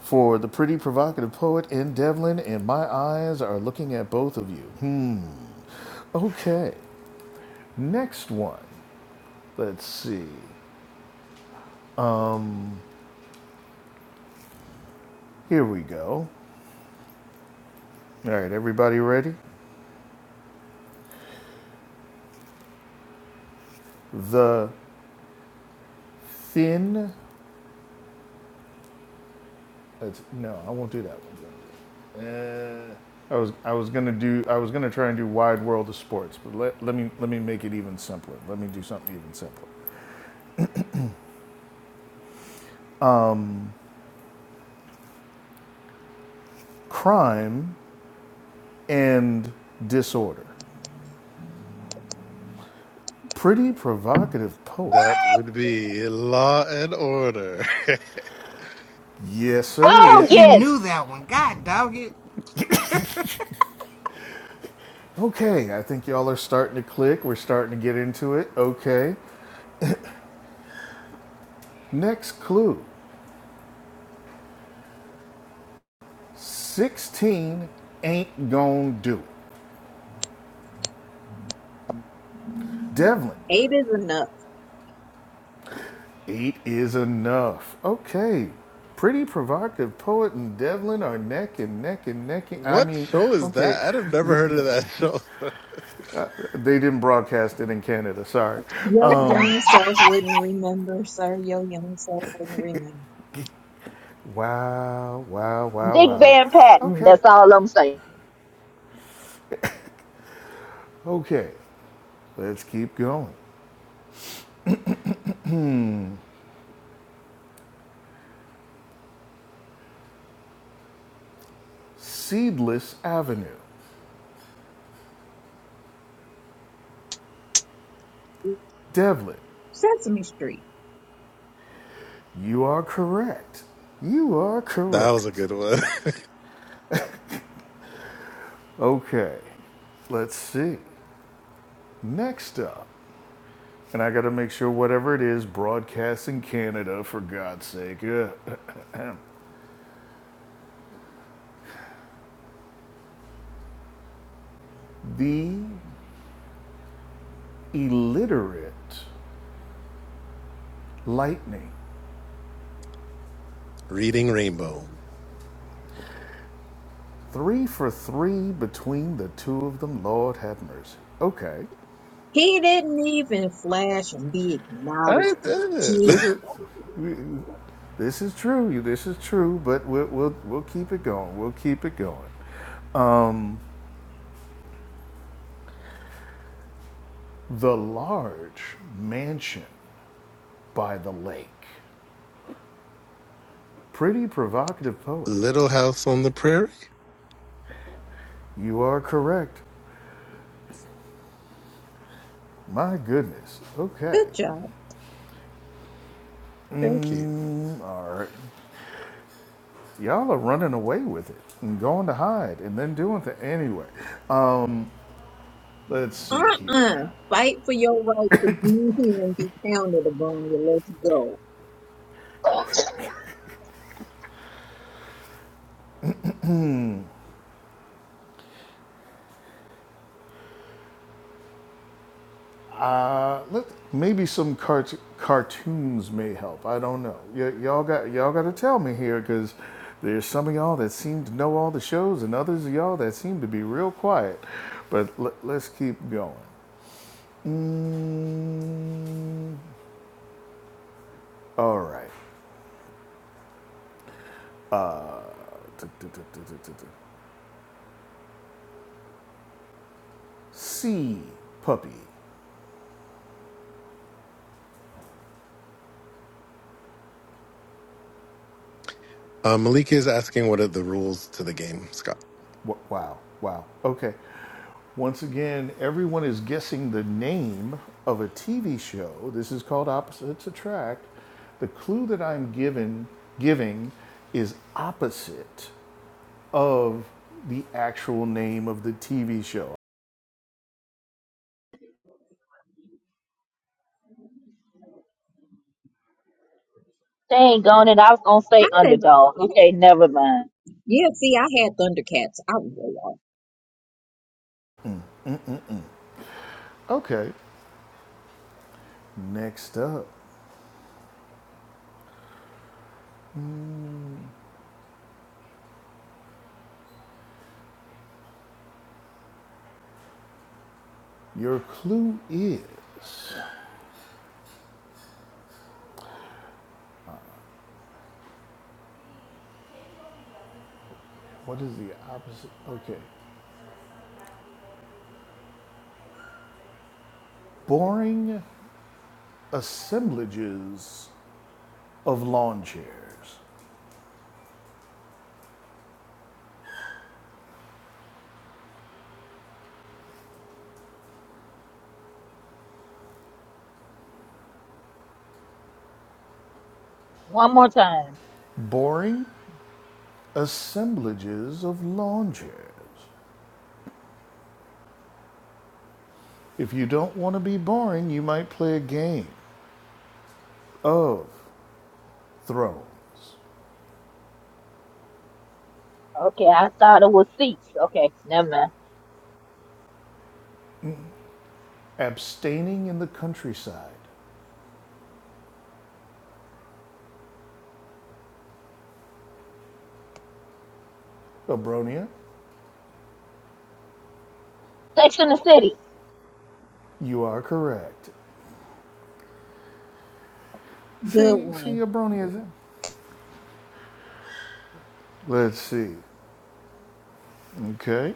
Speaker 1: for the pretty provocative poet in Devlin, and my eyes are looking at both of you. Hmm. Okay, next one. Let's see. Here we go. All right, everybody ready? The thin. That's, no, I won't do that one. Uh, I was I was gonna do I was gonna try and do wide world of sports, but let, let me let me make it even simpler. Let me do something even simpler. Crime and disorder. Pretty provocative poet.
Speaker 4: That would be Law and Order. <laughs>
Speaker 1: Yes,
Speaker 8: I
Speaker 1: sir,
Speaker 3: oh
Speaker 1: it is.
Speaker 8: actually
Speaker 3: yes.
Speaker 8: knew that one. God dog it. <laughs>
Speaker 1: Okay, I think y'all are starting to click. We're starting to get into it. Okay. Next clue 16 ain't gonna do it. Devlin,
Speaker 7: Eight is enough.
Speaker 1: eight is enough. Okay. Pretty provocative poet and Devlin are neck and neck and neck. And, I
Speaker 4: what
Speaker 1: mean,
Speaker 4: show is
Speaker 1: okay,
Speaker 4: that? I've would never heard of
Speaker 1: they
Speaker 4: that show.
Speaker 1: didn't broadcast it in Canada. Sorry. Uh,
Speaker 7: Your young self wouldn't remember, sir. Your young self wouldn't remember.
Speaker 1: Wow, wow, wow,
Speaker 3: Dick
Speaker 1: wow.
Speaker 3: Van Patten.
Speaker 1: Okay,
Speaker 3: That's all I'm saying.
Speaker 1: okay. Let's keep going. Seedless Avenue. Devlin,
Speaker 7: Sesame Street.
Speaker 1: you are correct. You are
Speaker 4: <laughs> that was a
Speaker 1: correct.
Speaker 4: good one. <laughs>
Speaker 1: Okay, let's see. Next up, and I gotta make sure whatever it is, broadcasting Canada, for God's sake. uh, <laughs> the illiterate lightning.
Speaker 4: Reading Rainbow.
Speaker 1: Three for three between the two of them. Lord have mercy. Okay.
Speaker 7: He didn't even flash and be
Speaker 4: I
Speaker 7: acknowledged.
Speaker 4: did it. <laughs>
Speaker 7: Gee,
Speaker 1: This is this is true. this is true, but we'll we'll, we'll keep it going. We'll keep it going. The large mansion by the lake. Pretty provocative poet.
Speaker 4: Little House on the Prairie.
Speaker 1: You are correct. My goodness. Okay.
Speaker 7: good job.
Speaker 4: Thank you.
Speaker 1: Mm, all right. Y'all are running away with it and going to hide and then doing the anyway. Let's see
Speaker 7: Uh-uh.
Speaker 1: here.
Speaker 7: Fight for your right to be here and be pounded upon you. Let's go.
Speaker 1: Uh, let, maybe some cart- cartoons may help. I don't know. Y- y'all got y'all got to tell me here because there's some of y'all that seem to know all the shows and others of y'all that seem to be real quiet. But let, let's keep going. Mm, all right. C puppy.
Speaker 4: Uh, Malika is asking what are the rules to the game, Scott.
Speaker 1: Wow, wow. Okay. Once again, everyone is guessing the name of a TV show. This is called Opposites Attract. The clue that I'm given giving is opposite of the actual name of the TV show.
Speaker 3: Dang on it. I was going to
Speaker 7: How
Speaker 3: say
Speaker 7: the
Speaker 3: underdog. Okay, never mind.
Speaker 7: Yeah, see, I had Thundercats. I was way off.
Speaker 1: Okay. Next up, your clue is what is the opposite? Okay. Boring assemblages of lawn chairs.
Speaker 3: One more time.
Speaker 1: Boring assemblages of lawn chairs. If you don't want to be boring, you might play a game of thrones.
Speaker 3: Okay, I thought it was seats. Okay, never mind.
Speaker 1: Abstaining in the countryside. Abronia,
Speaker 3: Sex in the City.
Speaker 1: you are correct.
Speaker 7: Good
Speaker 1: See, see,
Speaker 7: one.
Speaker 1: Abronia is in. Let's see. Okay.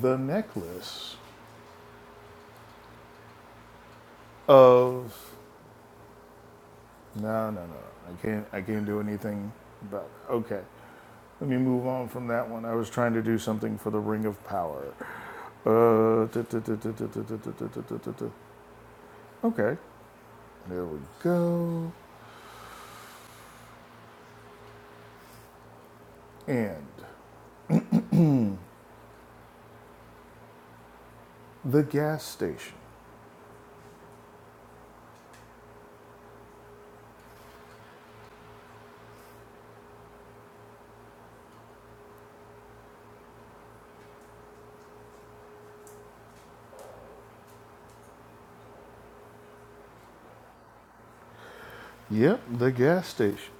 Speaker 1: The necklace of no, no, no. I can't. I can't do anything about. it. Okay. Let me move on from that one. I was trying to do something for the Ring of Power. Uh, duh, duh, duh, duh, duh, duh, duh, duh, duh, Okay, there we go. And the gas station. Yep, the gas station.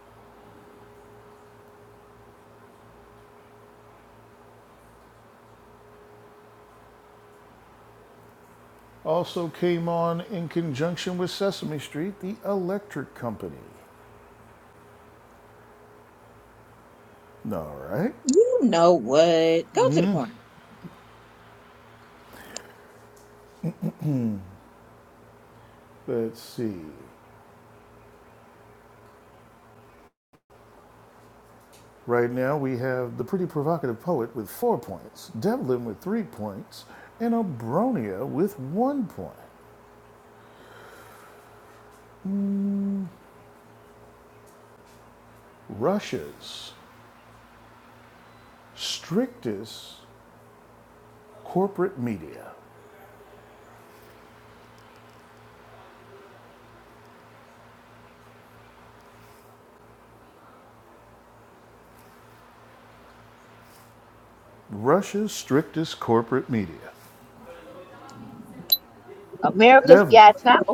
Speaker 1: Also came on in conjunction with Sesame Street, the electric company. All right,
Speaker 7: You know what? Go to the corner.
Speaker 1: let's see. Right now we have the pretty provocative poet with four points, Devlin with three points, and Obronia with one point. Russia's strictest corporate media. Russia's strictest corporate media.
Speaker 3: America's
Speaker 1: Devlin,
Speaker 3: Got Talent.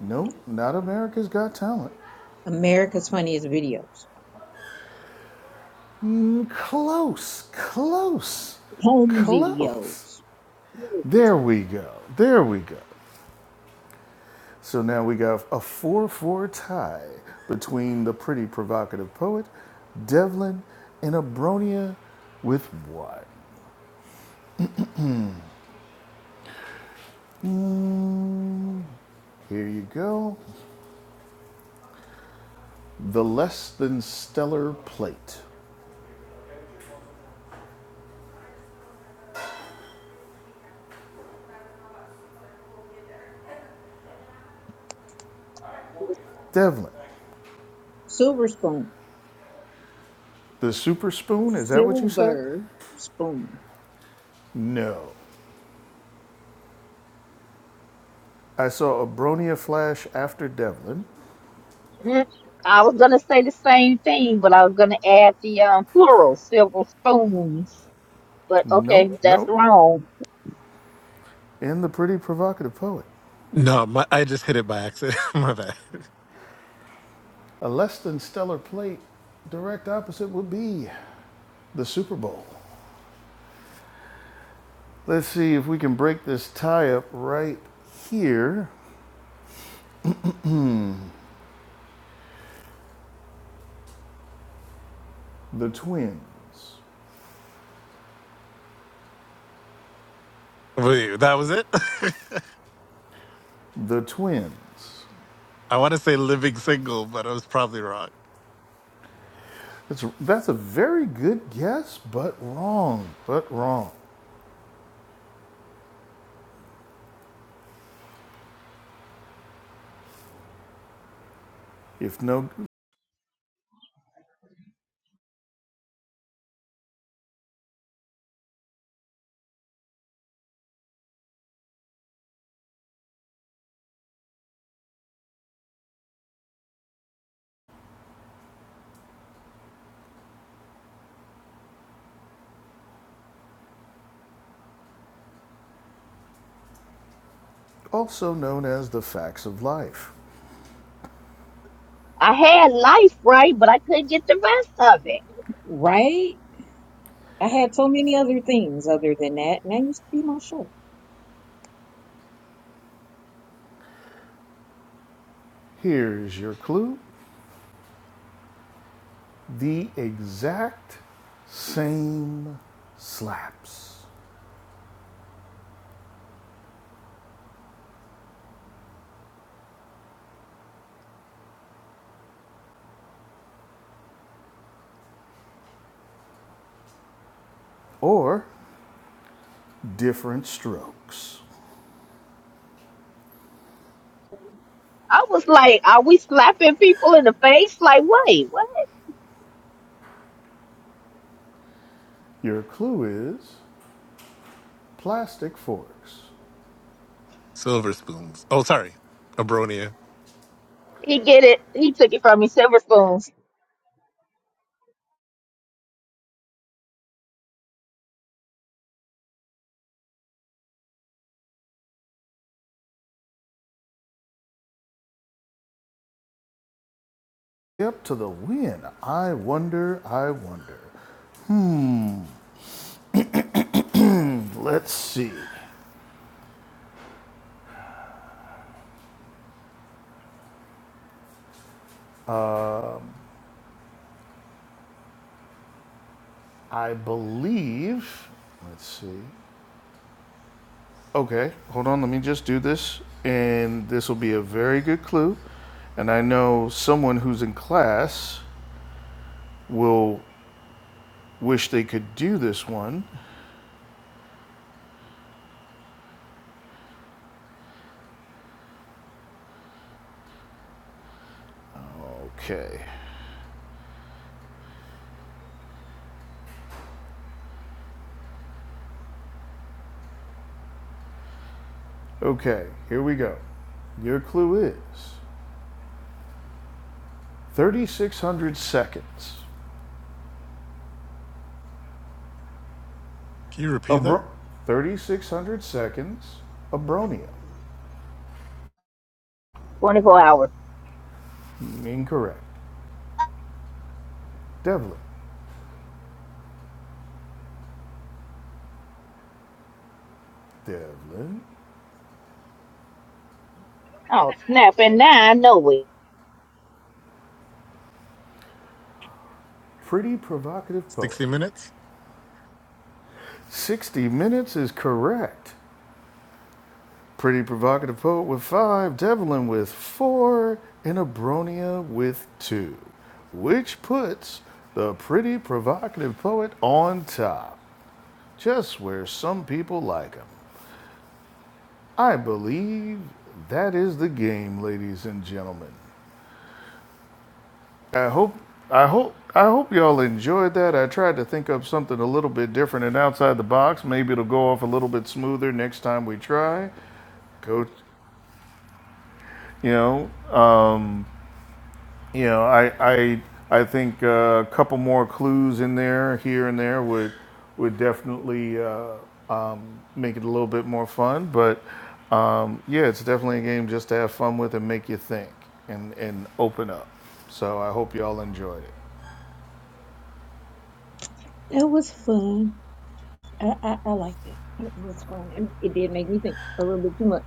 Speaker 1: no, not America's Got Talent.
Speaker 7: America's Funniest Videos.
Speaker 1: Mm, Close, close,
Speaker 7: Home
Speaker 1: close.
Speaker 7: videos.
Speaker 1: There we go, there we go. So now we got a 4 4 tie between the pretty provocative poet, Devlin, and Abronia with what? Here you go. The less than stellar plate. Devlin,
Speaker 7: Silver spoon.
Speaker 1: the super spoon, is that what you said?
Speaker 7: Silver spoon.
Speaker 1: No. I saw a Bronia flash after Devlin.
Speaker 3: Mm, I was gonna say the same thing, but I was gonna add the um, plural, silver spoons. But
Speaker 1: Nope,
Speaker 3: okay, that's
Speaker 1: nope.
Speaker 3: wrong.
Speaker 1: And the pretty provocative poet.
Speaker 4: No, my, I just hit it by accident. <laughs> my bad.
Speaker 1: A less than stellar plate, direct opposite would be the Super Bowl. Let's see if we can break this tie up right here. The twins.
Speaker 4: Wait, that was it? <laughs>
Speaker 1: The twins.
Speaker 4: I want to say living single, but I was probably wrong.
Speaker 1: It's, that's a very good guess, but wrong. But wrong. If no, also known as the facts of life.
Speaker 3: I had life right, but I couldn't get the rest of it.
Speaker 7: Right? I had so many other things other than that, and that used to be my show.
Speaker 1: Here's your clue. the exact same slaps or different strokes.
Speaker 3: I was like, "Are we slapping people in the face?" Like, wait, what?
Speaker 1: Your clue is plastic forks.
Speaker 4: Silver spoons. Oh, sorry. Abronia.
Speaker 3: He get it. He took it from me. Silver spoons,
Speaker 1: Up to the win. I wonder, I wonder. Hmm, let's see. I believe, let's see. Okay, hold on, let me just do this, and this will be a very good clue. And I know someone who's in class will Wish they could do this one. Okay. Okay, here we go. Your clue is 3,600 seconds.
Speaker 4: Can you repeat that?
Speaker 1: Abro- 3,600 seconds. Abronia.
Speaker 3: twenty four hours.
Speaker 1: Incorrect. Devlin. Devlin.
Speaker 3: Oh snap! And now I know it.
Speaker 1: Pretty provocative poet.
Speaker 4: 60 minutes?
Speaker 1: 60 minutes is correct. Pretty Provocative Poet with five, Devlin with four, and Abronia with two, which puts the Pretty Provocative Poet on top, just where some people like him. I believe that is the game, ladies and gentlemen. I hope I hope I hope y'all enjoyed that. I tried to think up something a little bit different and outside the box. Maybe it'll go off a little bit smoother next time we try. Go, you know, you know, I I I think uh, a couple more clues in there, here and there, would would definitely uh, um, make it a little bit more fun. But um, yeah, it's definitely a game just to have fun with and make you think and and open up. So I hope y'all enjoyed it.
Speaker 7: That was fun. I, I, I liked it. It was fun. It, it did make me think a little bit too much.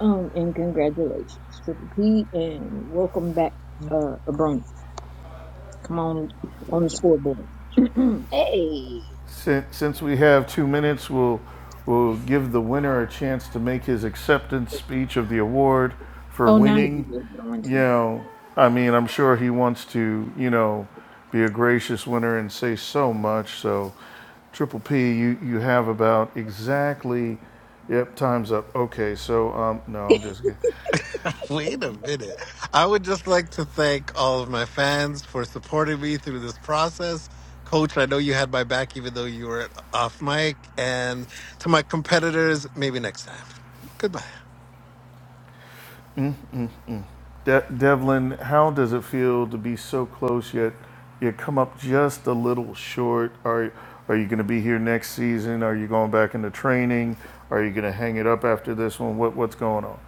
Speaker 7: Um, and congratulations, Triple P, and welcome back, uh, Abrona. Come on, on the scoreboard. <clears throat>
Speaker 3: Hey,
Speaker 1: Since, since we have two minutes, we'll, we'll give the winner a chance to make his acceptance speech of the award for
Speaker 7: oh, now you
Speaker 1: winning.
Speaker 7: just going
Speaker 1: You know, I mean, I'm sure he wants to, you know, be a gracious winner and say so much. So, Triple P, you, you have about exactly, yep, time's up. Okay, so, um, no,
Speaker 7: to,
Speaker 1: I'm just kidding.
Speaker 4: <laughs> Wait a minute. I would just like to thank all of my fans for supporting me through this process. Coach, I know you had my back even though you were off mic. And to my competitors, maybe next time. Goodbye.
Speaker 1: De- Devlin, how does it feel to be so close yet you come up just a little short? Are are you going to be here next season? Are you going back into training? Are you going to hang it up after this one? What what's going on?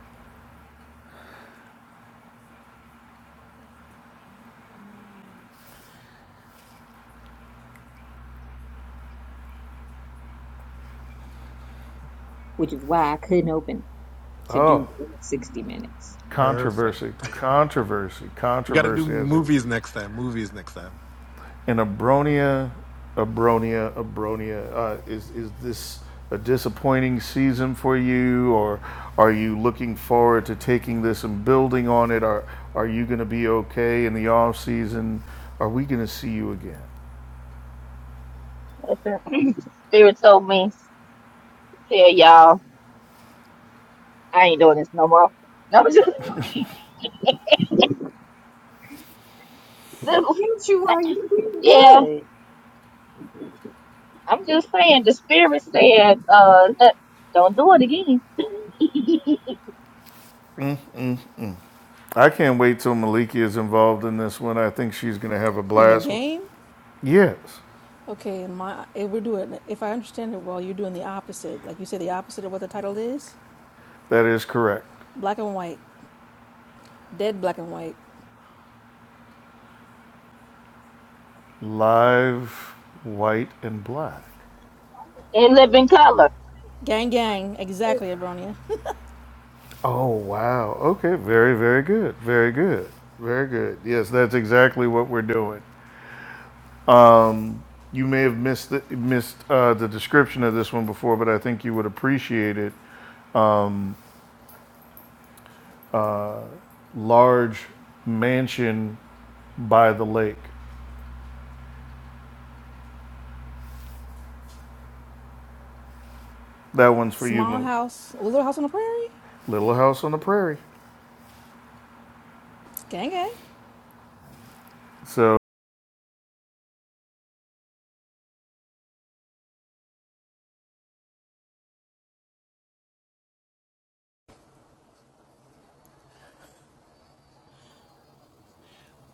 Speaker 7: <laughs> which is why I couldn't open to
Speaker 1: Oh,
Speaker 7: do 60 minutes.
Speaker 4: Perfect.
Speaker 1: controversy,
Speaker 4: <laughs>
Speaker 1: controversy,
Speaker 4: We got to do
Speaker 1: controversy. As a
Speaker 4: movies next time. Movies next time.
Speaker 1: And Abronia, Abronia, Abronia, uh, is, is this a disappointing season for you, or are you looking forward to taking this and building on it? Are, are you going to be okay in the off season? Are we going to see you again?
Speaker 3: <clears throat> <laughs> Spirit told me to tell y'all I ain't doing this no more. No, <laughs> just,
Speaker 7: Yes, you are. You're doing
Speaker 3: yeah.
Speaker 7: good.
Speaker 3: I'm just saying the spirit said, uh, don't do it again. <laughs>
Speaker 1: I can't wait till Maliki is involved in this one. I think she's going to have a
Speaker 5: And the
Speaker 1: blast.
Speaker 5: game?
Speaker 1: Yes,
Speaker 5: Okay, my eh, we're doing. If I understand it well, you're doing the opposite. Like you said, the opposite of what the title is.
Speaker 1: that is correct.
Speaker 5: Black and white, dead black and white.
Speaker 1: Live, white, and black.
Speaker 3: and live in color.
Speaker 5: Gang, gang. Exactly, Abronia.
Speaker 1: Oh, wow. Okay. Very, very good. Very good. Very good. Yes, that's exactly what we're doing. You may have missed the, missed uh, the description of this one before, but I think you would appreciate it. Large mansion by the lake. That one's
Speaker 5: <laughs>
Speaker 1: for you,
Speaker 5: Small
Speaker 1: Malik.
Speaker 5: house, little house on the prairie.
Speaker 1: Little house on the prairie.
Speaker 5: Gang, gang.
Speaker 1: So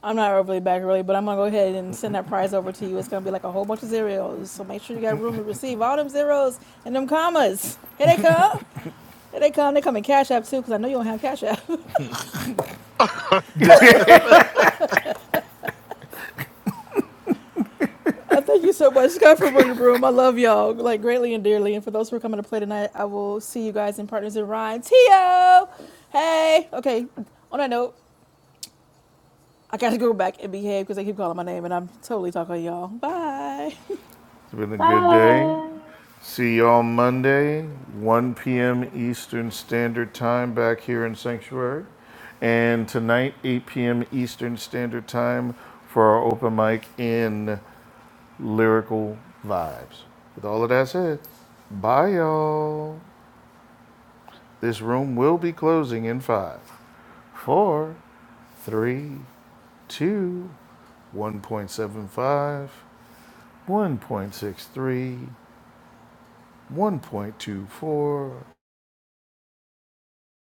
Speaker 5: I'm not overly back really, but I'm gonna go ahead and send that prize over to you. It's gonna be like a whole bunch of zeros. So make sure you got room to receive all them zeros and them commas. Here they come. Here they come. They come in Cash App too, because I know you don't have Cash App. <laughs>
Speaker 4: <laughs> I'm dead.
Speaker 5: Uh, thank you so much, Scott, for running the room. I love y'all like greatly and dearly. And for those who are coming to play tonight, I will see you guys in Partners in Rhyme. Tio, hey. Okay. On that note, I gotta go back and behave because they keep calling my name, and I'm totally talking to y'all. Bye.
Speaker 1: it's been a good day.
Speaker 3: Bye.
Speaker 1: See you all Monday, 1 p.m. Eastern Standard Time back here in Sanctuary. And tonight, 8 p.m. Eastern Standard Time for our open mic in Lyrical Vibes. With all of that said, bye y'all. This room will be closing in five, four, three, two, 1.75, 1.63, 1.24,